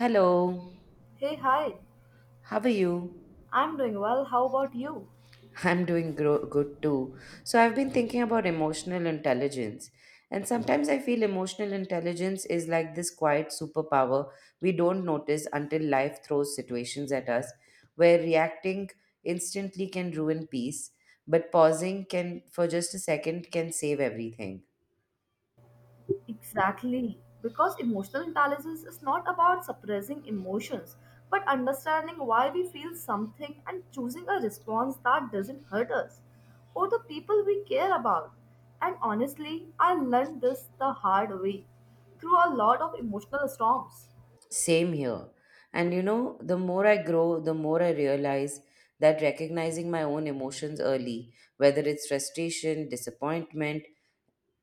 Hello, Hey, hi. how are you? I'm doing well. How about you? I'm doing good too. So, I've been thinking about emotional intelligence, and sometimes I feel emotional intelligence is like this quiet superpower we don't notice until life throws situations at us where reacting instantly can ruin peace, but pausing can for just a second can save everything. Exactly. Because emotional intelligence is not about suppressing emotions, but understanding why we feel something and choosing a response that doesn't hurt us or the people we care about. And honestly, I learned this the hard way through a lot of emotional storms. Same here. And you know, the more I grow, the more I realize that recognizing my own emotions early, whether it's frustration, disappointment,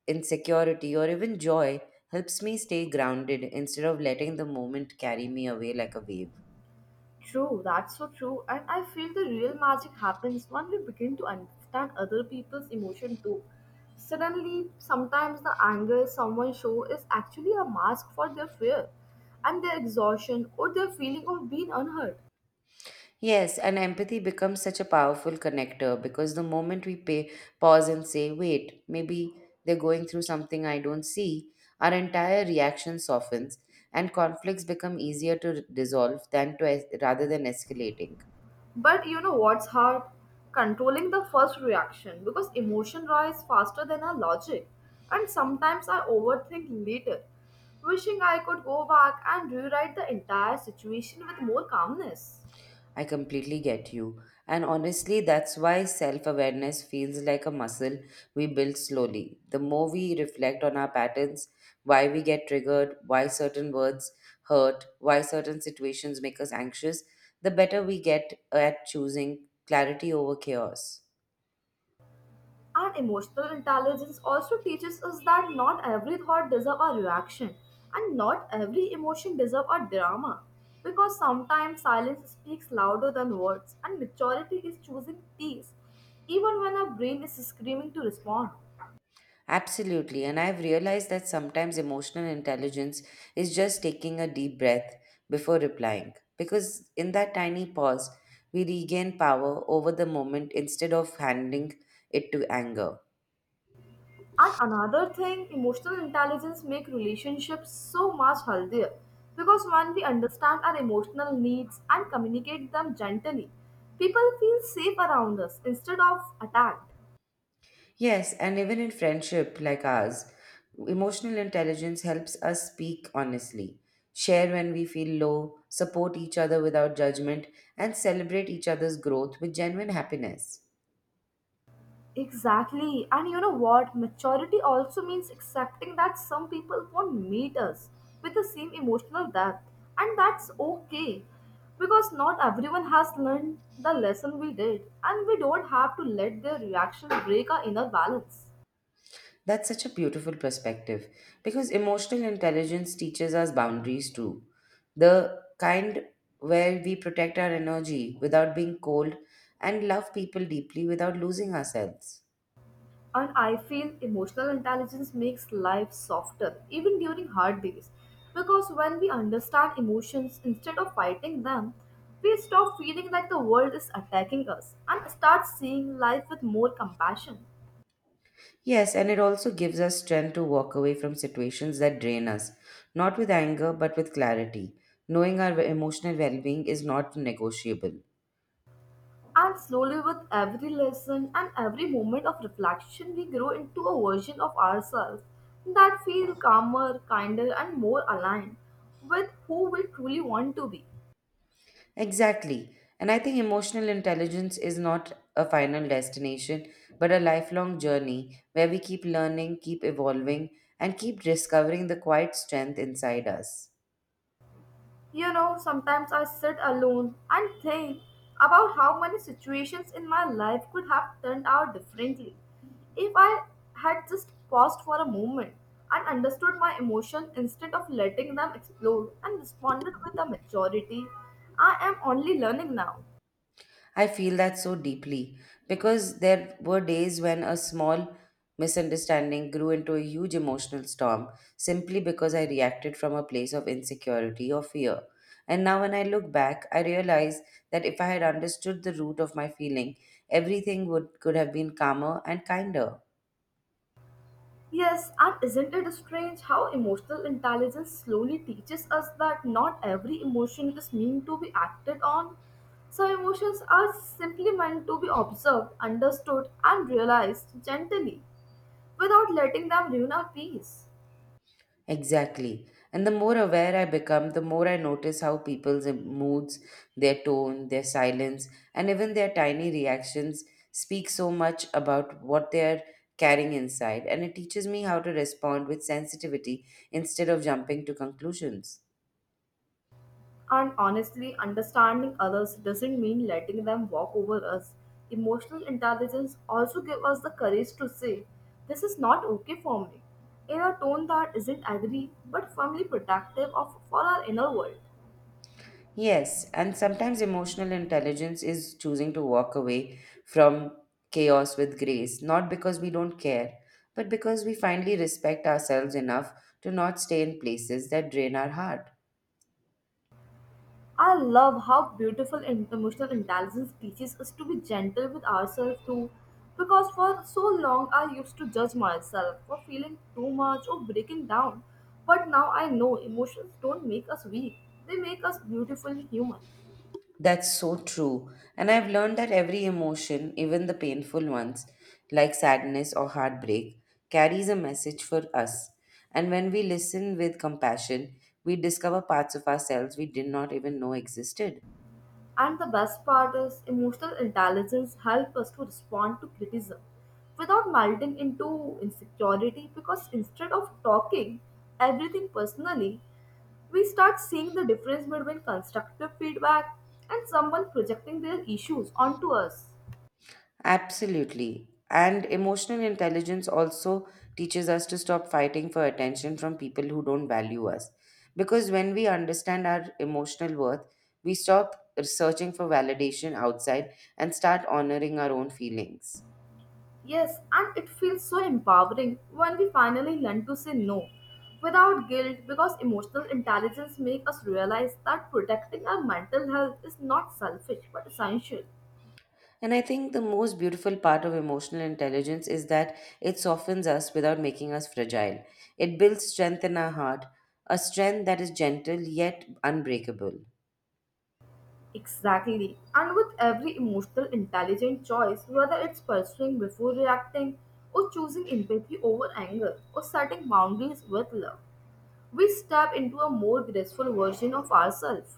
insecurity, or even joy, helps me stay grounded instead of letting the moment carry me away like a wave. True, that's so true. And I feel the real magic happens when we begin to understand other people's emotion too. Suddenly, sometimes the anger someone shows is actually a mask for their fear and their exhaustion or their feeling of being unheard. Yes, and empathy becomes such a powerful connector because the moment we pause and say, wait, maybe they're going through something I don't see, our entire reaction softens and conflicts become easier to dissolve than rather than escalating. But you know what's hard? Controlling the first reaction because emotion rises faster than our logic. And sometimes I overthink later, wishing I could go back and rewrite the entire situation with more calmness. I completely get you. And honestly, that's why self awareness feels like a muscle we build slowly. The more we reflect on our patterns, why we get triggered, why certain words hurt, why certain situations make us anxious, the better we get at choosing clarity over chaos. And emotional intelligence also teaches us that not every thought deserves a reaction and not every emotion deserves a drama. Because sometimes silence speaks louder than words, and maturity is choosing peace even when our brain is screaming to respond. Absolutely, and I've realized that sometimes emotional intelligence is just taking a deep breath before replying, because in that tiny pause, we regain power over the moment instead of handing it to anger. And another thing, emotional intelligence make relationships so much healthier because when we understand our emotional needs and communicate them gently, people feel safe around us instead of attacked. Yes, and even in friendship like ours, emotional intelligence helps us speak honestly, share when we feel low, support each other without judgment, and celebrate each other's growth with genuine happiness. Exactly. And you know what? Maturity also means accepting that some people won't meet us with the same emotional depth. And that's okay. Because not everyone has learned the lesson we did. And we don't have to let their reaction break our inner balance. That's such a beautiful perspective because emotional intelligence teaches us boundaries too. The kind where we protect our energy without being cold and love people deeply without losing ourselves. And I feel emotional intelligence makes life softer, even during hard days. Because when we understand emotions instead of fighting them, we stop feeling like the world is attacking us and start seeing life with more compassion. Yes, and it also gives us strength to walk away from situations that drain us, not with anger but with clarity. Knowing our emotional well being is not negotiable. And slowly, with every lesson and every moment of reflection, we grow into a version of ourselves that feel calmer, kinder, and more aligned with who we truly want to be. Exactly. And I think emotional intelligence is not a final destination, but a lifelong journey where we keep learning, keep evolving, and keep discovering the quiet strength inside us. You know, sometimes I sit alone and think about how many situations in my life could have turned out differently if I had just paused for a moment and understood my emotion instead of letting them explode and responded with a maturity I am only learning now. I feel that so deeply because there were days when a small misunderstanding grew into a huge emotional storm simply because I reacted from a place of insecurity or fear. And now, when I look back, I realize that if I had understood the root of my feeling, everything could have been calmer and kinder. Yes, and isn't it strange how emotional intelligence slowly teaches us that not every emotion is meant to be acted on? Some emotions are simply meant to be observed, understood, and realized gently without letting them ruin our peace. Exactly. And the more aware I become, the more I notice how people's moods, their tone, their silence, and even their tiny reactions speak so much about what they're carrying inside. And it teaches me how to respond with sensitivity instead of jumping to conclusions. And honestly, understanding others doesn't mean letting them walk over us. Emotional intelligence also gives us the courage to say, this is not okay for me, in a tone that isn't angry but firmly protective of for our inner world. Yes, and sometimes emotional intelligence is choosing to walk away from chaos with grace, not because we don't care, but because we finally respect ourselves enough to not stay in places that drain our heart. I love how beautiful emotional intelligence teaches us to be gentle with ourselves too. Because for so long I used to judge myself for feeling too much or breaking down. But now I know emotions don't make us weak, they make us beautifully human. That's so true. And I've learned that every emotion, even the painful ones, like sadness or heartbreak, carries a message for us. And when we listen with compassion, we discover parts of ourselves we did not even know existed. And the best part is, emotional intelligence helps us to respond to criticism without melting into insecurity because instead of talking everything personally, we start seeing the difference between constructive feedback and someone projecting their issues onto us. Absolutely. And emotional intelligence also teaches us to stop fighting for attention from people who don't value us. Because when we understand our emotional worth, we stop searching for validation outside and start honoring our own feelings. Yes, and it feels so empowering when we finally learn to say no without guilt because emotional intelligence makes us realize that protecting our mental health is not selfish but essential. And I think the most beautiful part of emotional intelligence is that it softens us without making us fragile. It builds strength in our heart, a strength that is gentle yet unbreakable. Exactly. And with every emotional intelligent choice, whether it's pursuing before reacting, or choosing empathy over anger, or setting boundaries with love, we step into a more graceful version of ourselves.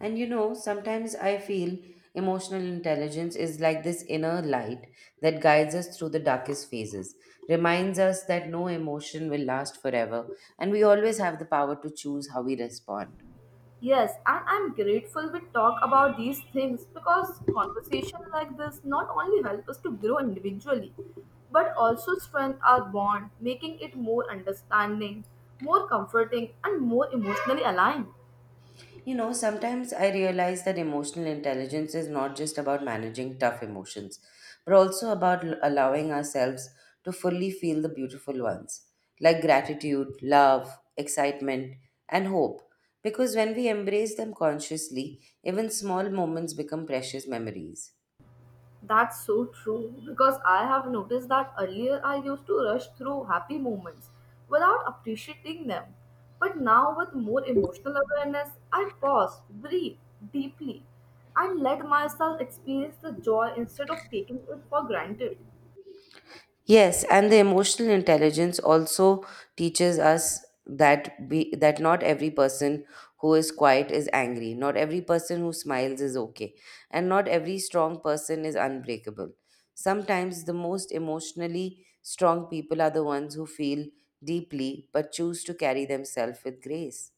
And you know, sometimes I feel emotional intelligence is like this inner light that guides us through the darkest phases, reminds us that no emotion will last forever, and we always have the power to choose how we respond. Yes, and I'm grateful we talk about these things because conversation like this not only help us to grow individually, but also strengthen our bond, making it more understanding, more comforting, and more emotionally aligned. You know, sometimes I realize that emotional intelligence is not just about managing tough emotions, but also about allowing ourselves to fully feel the beautiful ones, like gratitude, love, excitement, and hope. Because when we embrace them consciously, even small moments become precious memories. That's so true because I have noticed that earlier I used to rush through happy moments without appreciating them. But now, with more emotional awareness, I pause, breathe deeply, and let myself experience the joy instead of taking it for granted. Yes, and the emotional intelligence also teaches us that not every person who is quiet is angry, not every person who smiles is okay, and not every strong person is unbreakable. Sometimes the most emotionally strong people are the ones who feel deeply but choose to carry themselves with grace.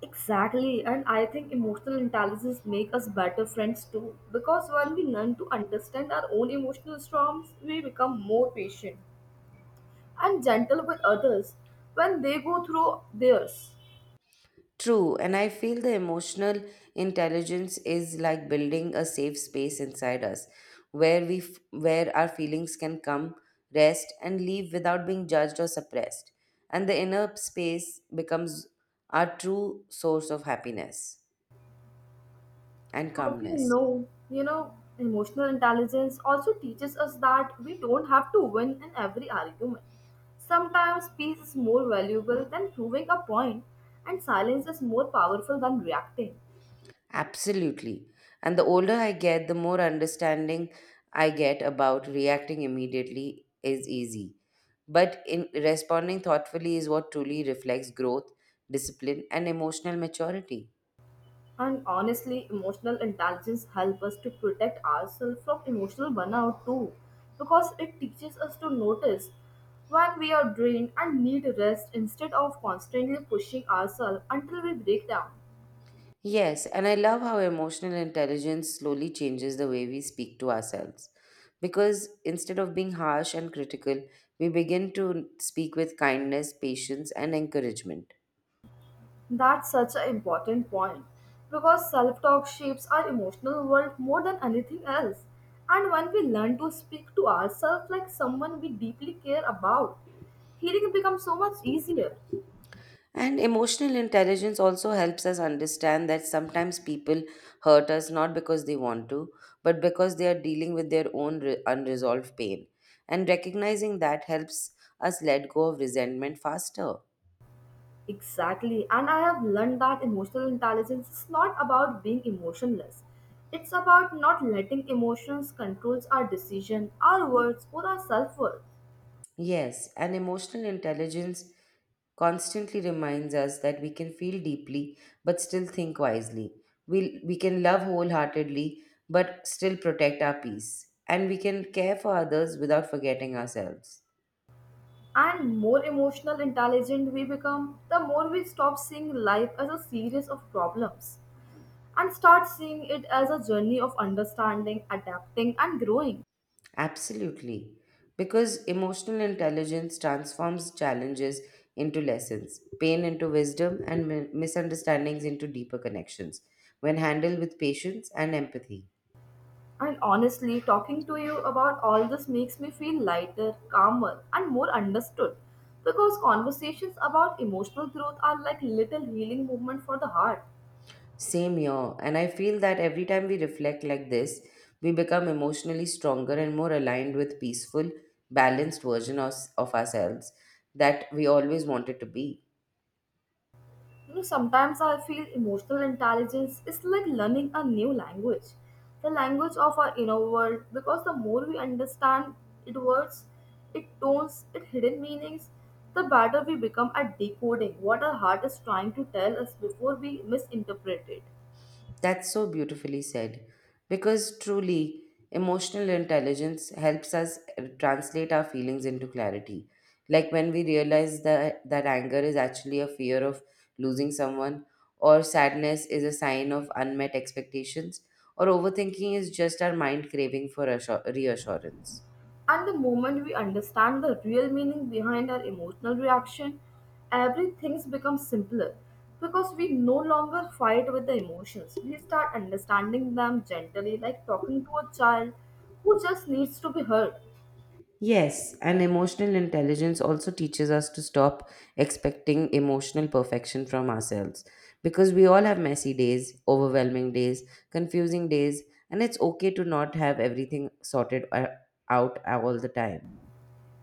Exactly, and I think emotional intelligence make us better friends too because when we learn to understand our own emotional storms, we become more patient and gentle with others when they go through theirs. True, and I feel the emotional intelligence is like building a safe space inside us where we f- where our feelings can come, rest and leave without being judged or suppressed. And the inner space becomes our true source of happiness and As you calmness. know, you know, emotional intelligence also teaches us that we don't have to win in every argument. Sometimes peace is more valuable than proving a point, and silence is more powerful than reacting. Absolutely. And the older I get, the more understanding I get about reacting immediately is easy. But in responding thoughtfully is what truly reflects growth, discipline, and emotional maturity. And honestly, emotional intelligence helps us to protect ourselves from emotional burnout too, because it teaches us to notice when we are drained and need rest instead of constantly pushing ourselves until we break down. Yes, and I love how emotional intelligence slowly changes the way we speak to ourselves. Because instead of being harsh and critical, we begin to speak with kindness, patience, and encouragement. That's such an important point because self talk shapes our emotional world more than anything else. And when we learn to speak to ourselves like someone we deeply care about, healing becomes so much easier. And emotional intelligence also helps us understand that sometimes people hurt us not because they want to, but because they are dealing with their own unresolved pain. And recognizing that helps us let go of resentment faster. Exactly, and I have learned that emotional intelligence is not about being emotionless. It's about not letting emotions control our decision, our words, or our self worth. Yes, and emotional intelligence constantly reminds us that we can feel deeply but still think wisely. We can love wholeheartedly but still protect our peace. And we can care for others without forgetting ourselves. And more emotional intelligent we become, the more we stop seeing life as a series of problems and start seeing it as a journey of understanding, adapting, and growing. Absolutely. Because emotional intelligence transforms challenges into lessons, pain into wisdom, and misunderstandings into deeper connections when handled with patience and empathy. And honestly, talking to you about all this makes me feel lighter, calmer, and more understood because conversations about emotional growth are like little healing movement for the heart. Same here. And I feel that every time we reflect like this, we become emotionally stronger and more aligned with peaceful, balanced version of ourselves that we always wanted to be. You know, sometimes I feel emotional intelligence is like learning a new language, the language of our inner world, because the more we understand its words, its tones, its hidden meanings, the better we become at decoding what our heart is trying to tell us before we misinterpret it. That's so beautifully said. Because truly, emotional intelligence helps us translate our feelings into clarity. Like when we realize that anger is actually a fear of losing someone, or sadness is a sign of unmet expectations, or overthinking is just our mind craving for reassurance. And the moment we understand the real meaning behind our emotional reaction, everything becomes simpler because we no longer fight with the emotions. We start understanding them gently, like talking to a child who just needs to be heard. Yes, and emotional intelligence also teaches us to stop expecting emotional perfection from ourselves because we all have messy days, overwhelming days, confusing days, and it's okay to not have everything sorted out all the time.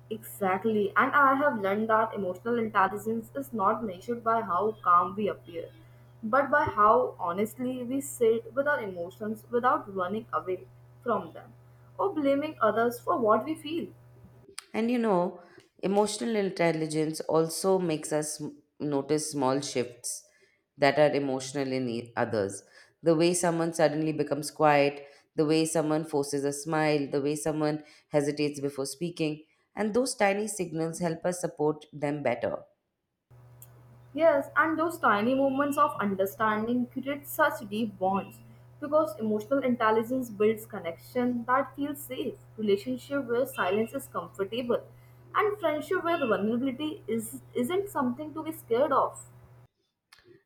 Exactly, and I have learned that emotional intelligence is not measured by how calm we appear, but by how honestly we sit with our emotions without running away from them or blaming others for what we feel. And you know, emotional intelligence also makes us notice small shifts that are emotional in others. The way someone suddenly becomes quiet, the way someone forces a smile, the way someone hesitates before speaking. And those tiny signals help us support them better. Yes, and those tiny moments of understanding create such deep bonds because emotional intelligence builds connection that feels safe, relationship where silence is comfortable, and friendship where vulnerability is isn't something to be scared of.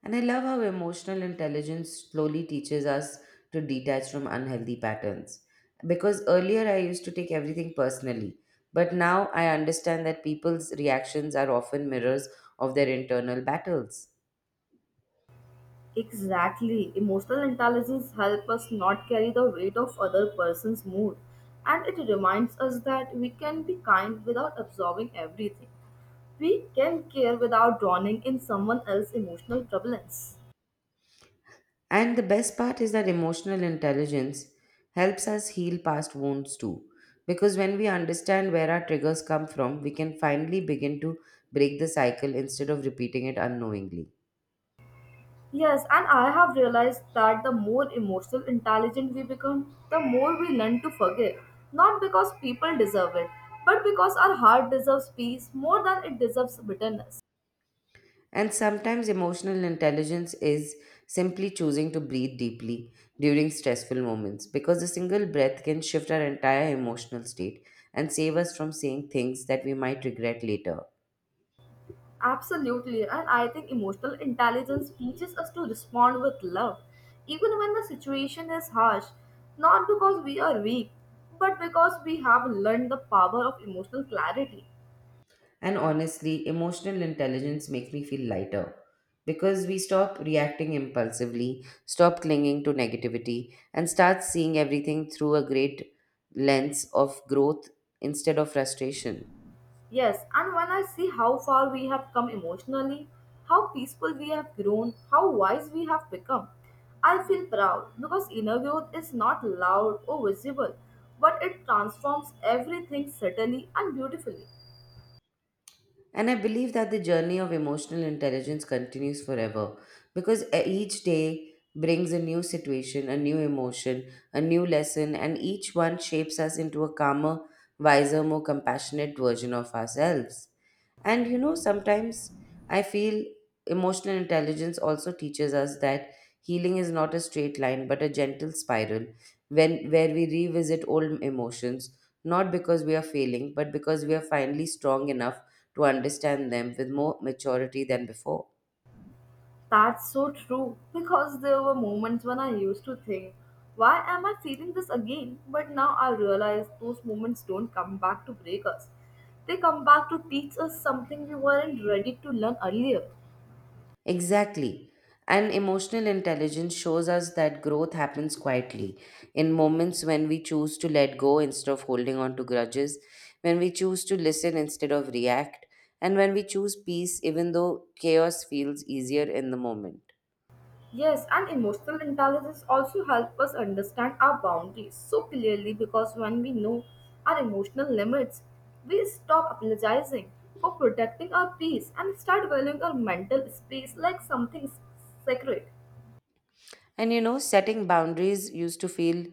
And I love how emotional intelligence slowly teaches us to detach from unhealthy patterns. Because earlier I used to take everything personally, but now I understand that people's reactions are often mirrors of their internal battles. Exactly. Emotional intelligence helps us not carry the weight of other person's mood and it reminds us that we can be kind without absorbing everything. We can care without drowning in someone else's emotional turbulence. And the best part is that emotional intelligence helps us heal past wounds too. Because when we understand where our triggers come from, we can finally begin to break the cycle instead of repeating it unknowingly. Yes, and I have realized that the more emotional intelligent we become, the more we learn to forgive. Not because people deserve it, but because our heart deserves peace more than it deserves bitterness. And sometimes emotional intelligence is simply choosing to breathe deeply during stressful moments because a single breath can shift our entire emotional state and save us from saying things that we might regret later. Absolutely, and I think emotional intelligence teaches us to respond with love, even when the situation is harsh, not because we are weak, but because we have learned the power of emotional clarity. And honestly, emotional intelligence makes me feel lighter because we stop reacting impulsively, stop clinging to negativity, and start seeing everything through a great lens of growth instead of frustration. Yes, and when I see how far we have come emotionally, how peaceful we have grown, how wise we have become, I feel proud because inner growth is not loud or visible, but it transforms everything subtly and beautifully. And I believe that the journey of emotional intelligence continues forever because each day brings a new situation, a new emotion, a new lesson, and each one shapes us into a calmer, wiser, more compassionate version of ourselves. And you know, sometimes I feel emotional intelligence also teaches us that healing is not a straight line but a gentle spiral when where we revisit old emotions not because we are failing but because we are finally strong enough to understand them with more maturity than before. That's so true because there were moments when I used to think, why am I feeling this again? But now I realize those moments don't come back to break us. They come back to teach us something we weren't ready to learn earlier. Exactly. And emotional intelligence shows us that growth happens quietly in moments when we choose to let go instead of holding on to grudges, when we choose to listen instead of react, and when we choose peace even though chaos feels easier in the moment. Yes, and emotional intelligence also helps us understand our boundaries so clearly because when we know our emotional limits, we stop apologizing for protecting our peace and start valuing our mental space like something sacred. And you know, setting boundaries used to feel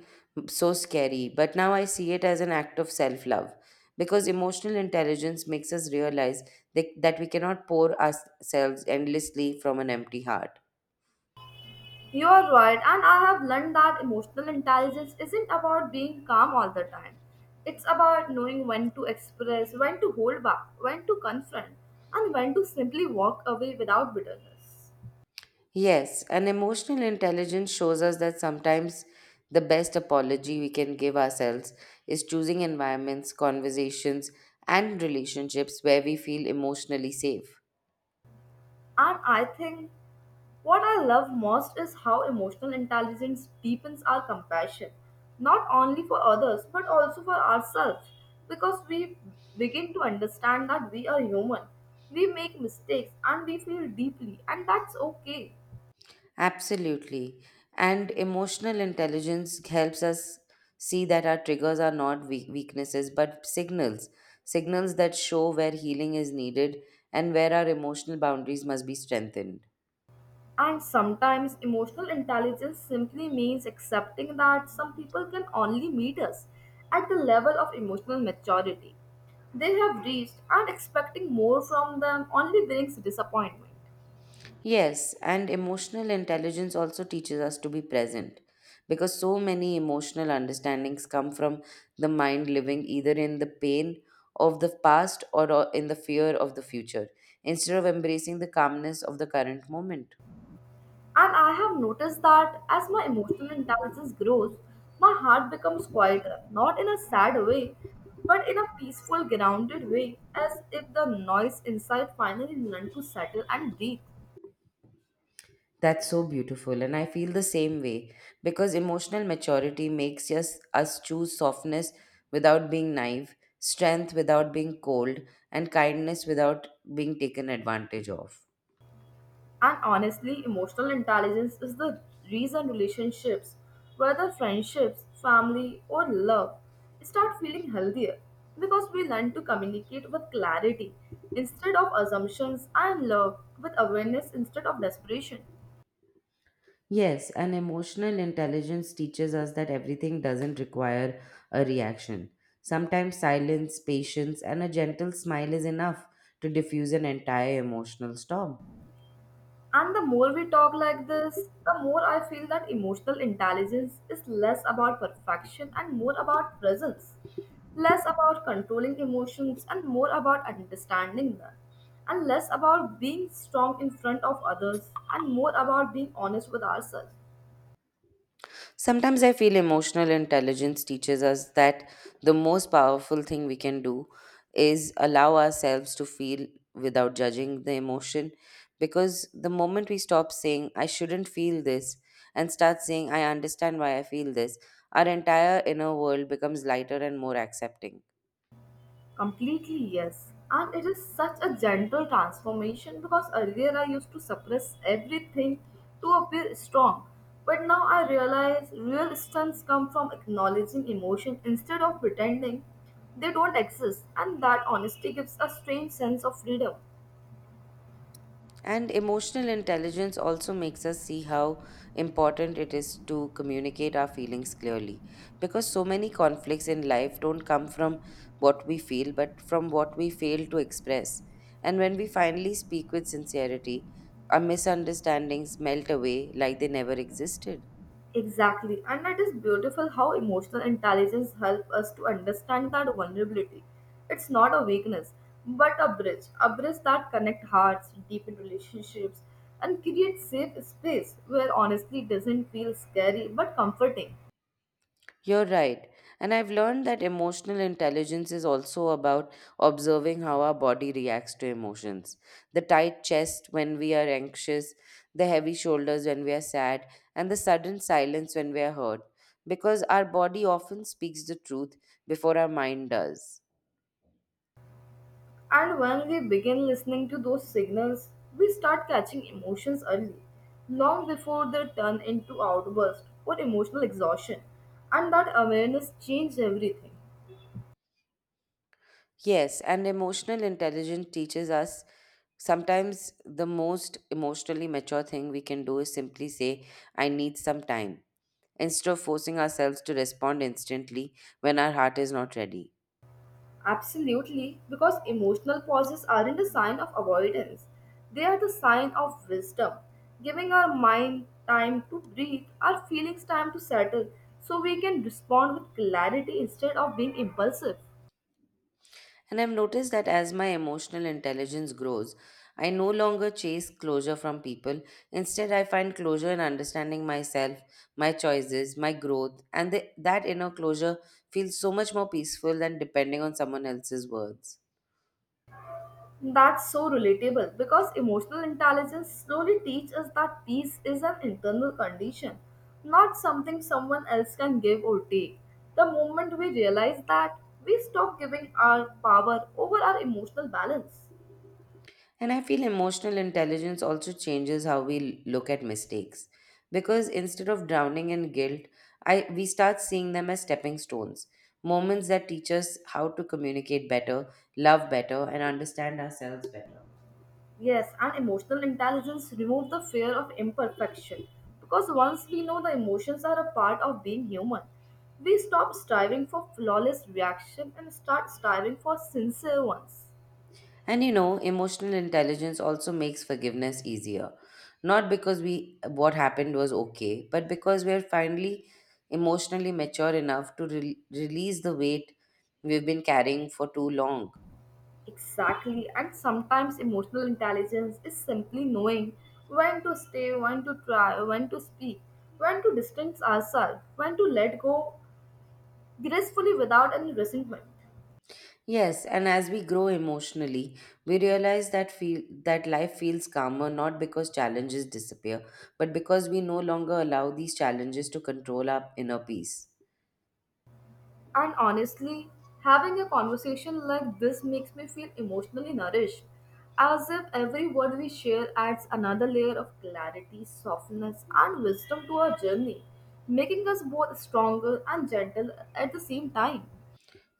so scary, but now I see it as an act of self love because emotional intelligence makes us realize that we cannot pour ourselves endlessly from an empty heart. You are right, and I have learned that emotional intelligence isn't about being calm all the time. It's about knowing when to express, when to hold back, when to confront, and when to simply walk away without bitterness. Yes, and emotional intelligence shows us that sometimes the best apology we can give ourselves is choosing environments, conversations, and relationships where we feel emotionally safe. And I think what I love most is how emotional intelligence deepens our compassion, not only for others, but also for ourselves, because we begin to understand that we are human, we make mistakes, and we feel deeply, and that's okay. Absolutely. And emotional intelligence helps us see that our triggers are not weaknesses but signals, signals that show where healing is needed and where our emotional boundaries must be strengthened. And sometimes emotional intelligence simply means accepting that some people can only meet us at the level of emotional maturity they have reached, and expecting more from them only brings disappointment. Yes, and emotional intelligence also teaches us to be present because so many emotional understandings come from the mind living either in the pain of the past or in the fear of the future instead of embracing the calmness of the current moment. And I have noticed that as my emotional intelligence grows, my heart becomes quieter, not in a sad way, but in a peaceful, grounded way, as if the noise inside finally learned to settle and breathe. That's so beautiful, and I feel the same way because emotional maturity makes us choose softness without being naive, strength without being cold, and kindness without being taken advantage of. And honestly, emotional intelligence is the reason relationships, whether friendships, family, or love, start feeling healthier because we learn to communicate with clarity instead of assumptions and love with awareness instead of desperation. Yes, and emotional intelligence teaches us that everything doesn't require a reaction. Sometimes silence, patience, and a gentle smile is enough to diffuse an entire emotional storm. And the more we talk like this, the more I feel that emotional intelligence is less about perfection and more about presence, less about controlling emotions and more about understanding them, and less about being strong in front of others and more about being honest with ourselves. Sometimes I feel emotional intelligence teaches us that the most powerful thing we can do is allow ourselves to feel without judging the emotion. Because the moment we stop saying, I shouldn't feel this, and start saying, I understand why I feel this, our entire inner world becomes lighter and more accepting. Completely, yes. And it is such a gentle transformation because earlier I used to suppress everything to appear strong. But now I realize real strengths come from acknowledging emotion instead of pretending they don't exist, and that honesty gives a strange sense of freedom. And emotional intelligence also makes us see how important it is to communicate our feelings clearly. Because so many conflicts in life don't come from what we feel, but from what we fail to express. And when we finally speak with sincerity, our misunderstandings melt away like they never existed. Exactly, and it is beautiful how emotional intelligence helps us to understand that vulnerability. It's not a weakness, but a bridge that connects hearts, deepen relationships, and creates safe space where honesty doesn't feel scary but comforting. You're right. And I've learned that emotional intelligence is also about observing how our body reacts to emotions. The tight chest when we are anxious, the heavy shoulders when we are sad, and the sudden silence when we are hurt. Because our body often speaks the truth before our mind does. And when we begin listening to those signals, we start catching emotions early, long before they turn into outbursts or emotional exhaustion. And that awareness changes everything. Yes, and emotional intelligence teaches us sometimes the most emotionally mature thing we can do is simply say, I need some time instead of forcing ourselves to respond instantly when our heart is not ready. Absolutely, because emotional pauses aren't a sign of avoidance. They are the sign of wisdom, giving our mind time to breathe, our feelings time to settle, so we can respond with clarity instead of being impulsive. And I've noticed that as my emotional intelligence grows, I no longer chase closure from people. Instead, I find closure in understanding myself, my choices, my growth, and that inner closure feels so much more peaceful than depending on someone else's words. That's so relatable because emotional intelligence slowly teaches us that peace is an internal condition, not something someone else can give or take. The moment we realize that, we stop giving our power over our emotional balance. And I feel emotional intelligence also changes how we look at mistakes. Because instead of drowning in guilt, we start seeing them as stepping stones, moments that teach us how to communicate better, love better, and understand ourselves better. Yes, and emotional intelligence removes the fear of imperfection because once we know the emotions are a part of being human, we stop striving for flawless reaction and start striving for sincere ones. And you know, emotional intelligence also makes forgiveness easier. Not because we what happened was okay, but because we're finally emotionally mature enough to re release the weight we've been carrying for too long. Exactly, and sometimes emotional intelligence is simply knowing when to stay, when to try, when to speak, when to distance ourselves, when to let go gracefully without any resentment. Yes, and as we grow emotionally, we realize that feel that life feels calmer not because challenges disappear, but because we no longer allow these challenges to control our inner peace. And honestly, having a conversation like this makes me feel emotionally nourished, as if every word we share adds another layer of clarity, softness, and wisdom to our journey, making us both stronger and gentle at the same time.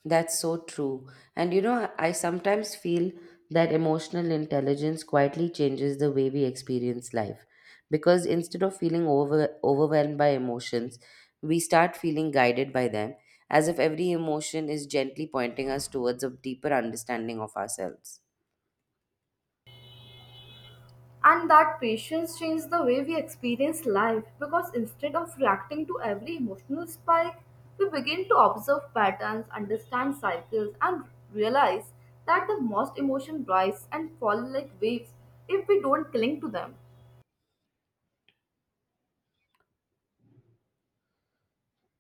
That's so true. And you know, I sometimes feel that emotional intelligence quietly changes the way we experience life because instead of overwhelmed by emotions, we start feeling guided by them, as if every emotion is gently pointing us towards a deeper understanding of ourselves. And that patience changed the way we experience life because instead of reacting to every emotional spike, we begin to observe patterns, understand cycles, and realize that the most emotions rise and fall like waves if we don't cling to them.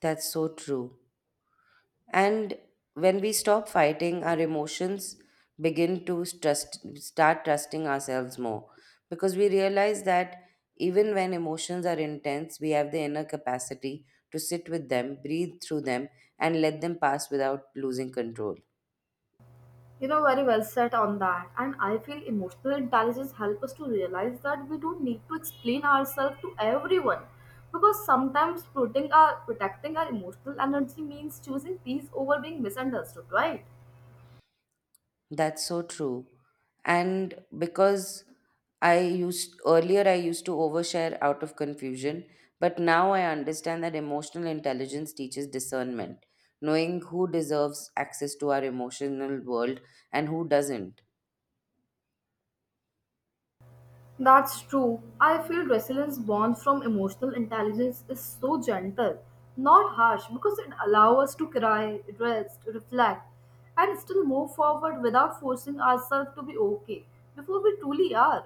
That's so true. And when we stop fighting, our emotions start trusting ourselves more because we realize that even when emotions are intense, we have the inner capacity to sit with them, breathe through them, and let them pass without losing control. You know, very well said on that. And I feel emotional intelligence helps us to realize that we don't need to explain ourselves to everyone because sometimes protecting our emotional energy means choosing peace over being misunderstood, right? That's so true. And because I used earlier I used to overshare out of confusion, but now I understand that emotional intelligence teaches discernment, knowing who deserves access to our emotional world and who doesn't. That's true. I feel resilience born from emotional intelligence is so gentle, not harsh, because it allows us to cry, rest, reflect, and still move forward without forcing ourselves to be okay before we truly are.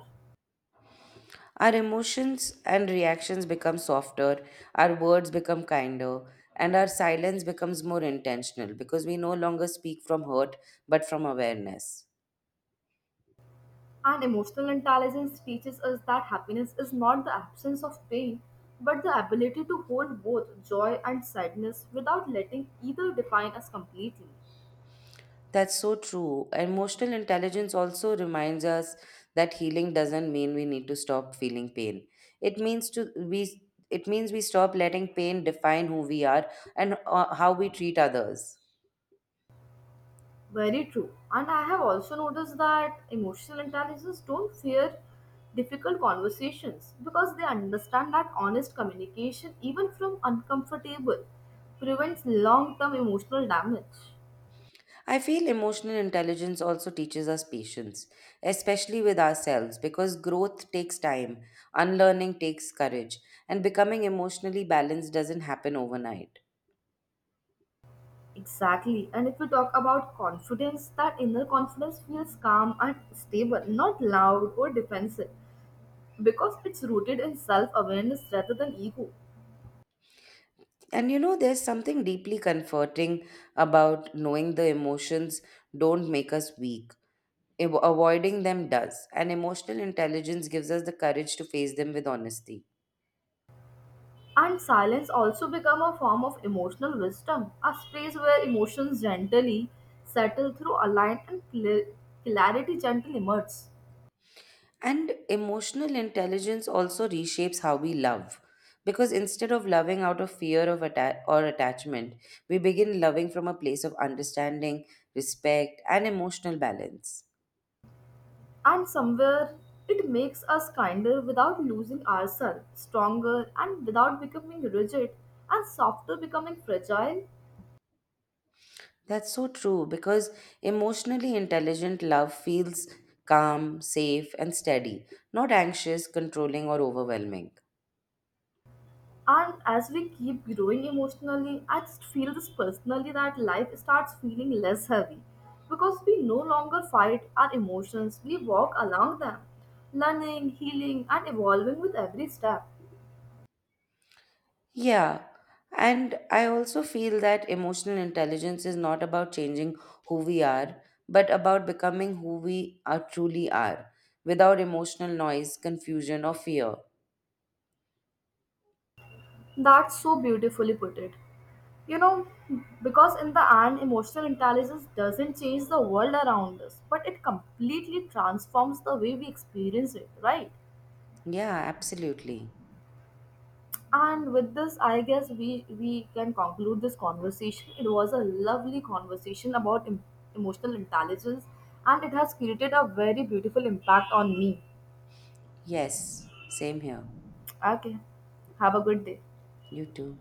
Our emotions and reactions become softer, our words become kinder, and our silence becomes more intentional because we no longer speak from hurt but from awareness. And emotional intelligence teaches us that happiness is not the absence of pain, but the ability to hold both joy and sadness without letting either define us completely. That's so true. Emotional intelligence also reminds us that healing doesn't mean we need to stop feeling pain. It means to we it means we stop letting pain define who we are and how we treat others. Very true. And I have also noticed that emotional intelligence don't fear difficult conversations because they understand that honest communication, even from uncomfortable, prevents long term emotional damage. I feel emotional intelligence also teaches us patience, especially with ourselves, because growth takes time, unlearning takes courage, and becoming emotionally balanced doesn't happen overnight. Exactly. And if we talk about confidence, that inner confidence feels calm and stable, not loud or defensive, because it's rooted in self awareness rather than ego. And you know, there's something deeply comforting about knowing the emotions don't make us weak. Avoiding them does. And emotional intelligence gives us the courage to face them with honesty. And silence also become a form of emotional wisdom, a space where emotions gently settle through alignment and clarity gently emerges. And emotional intelligence also reshapes how we love. Because instead of loving out of fear of atta- or attachment, we begin loving from a place of understanding, respect, and emotional balance. And somewhere it makes us kinder without losing ourselves, stronger and without becoming rigid, and softer becoming fragile. That's so true because emotionally intelligent love feels calm, safe, and steady, not anxious, controlling, or overwhelming. And as we keep growing emotionally, I just feel this personally that life starts feeling less heavy because we no longer fight our emotions, we walk along them, learning, healing, and evolving with every step. Yeah. And I also feel that emotional intelligence is not about changing who we are, but about becoming who we are truly are without emotional noise, confusion, or fear. That's so beautifully put it. You know, because in the end, emotional intelligence doesn't change the world around us, but it completely transforms the way we experience it, right? Yeah, absolutely. And with this, I guess we can conclude this conversation. It was a lovely conversation about emotional intelligence, and it has created a very beautiful impact on me. Yes, same here. Okay, have a good day. You too.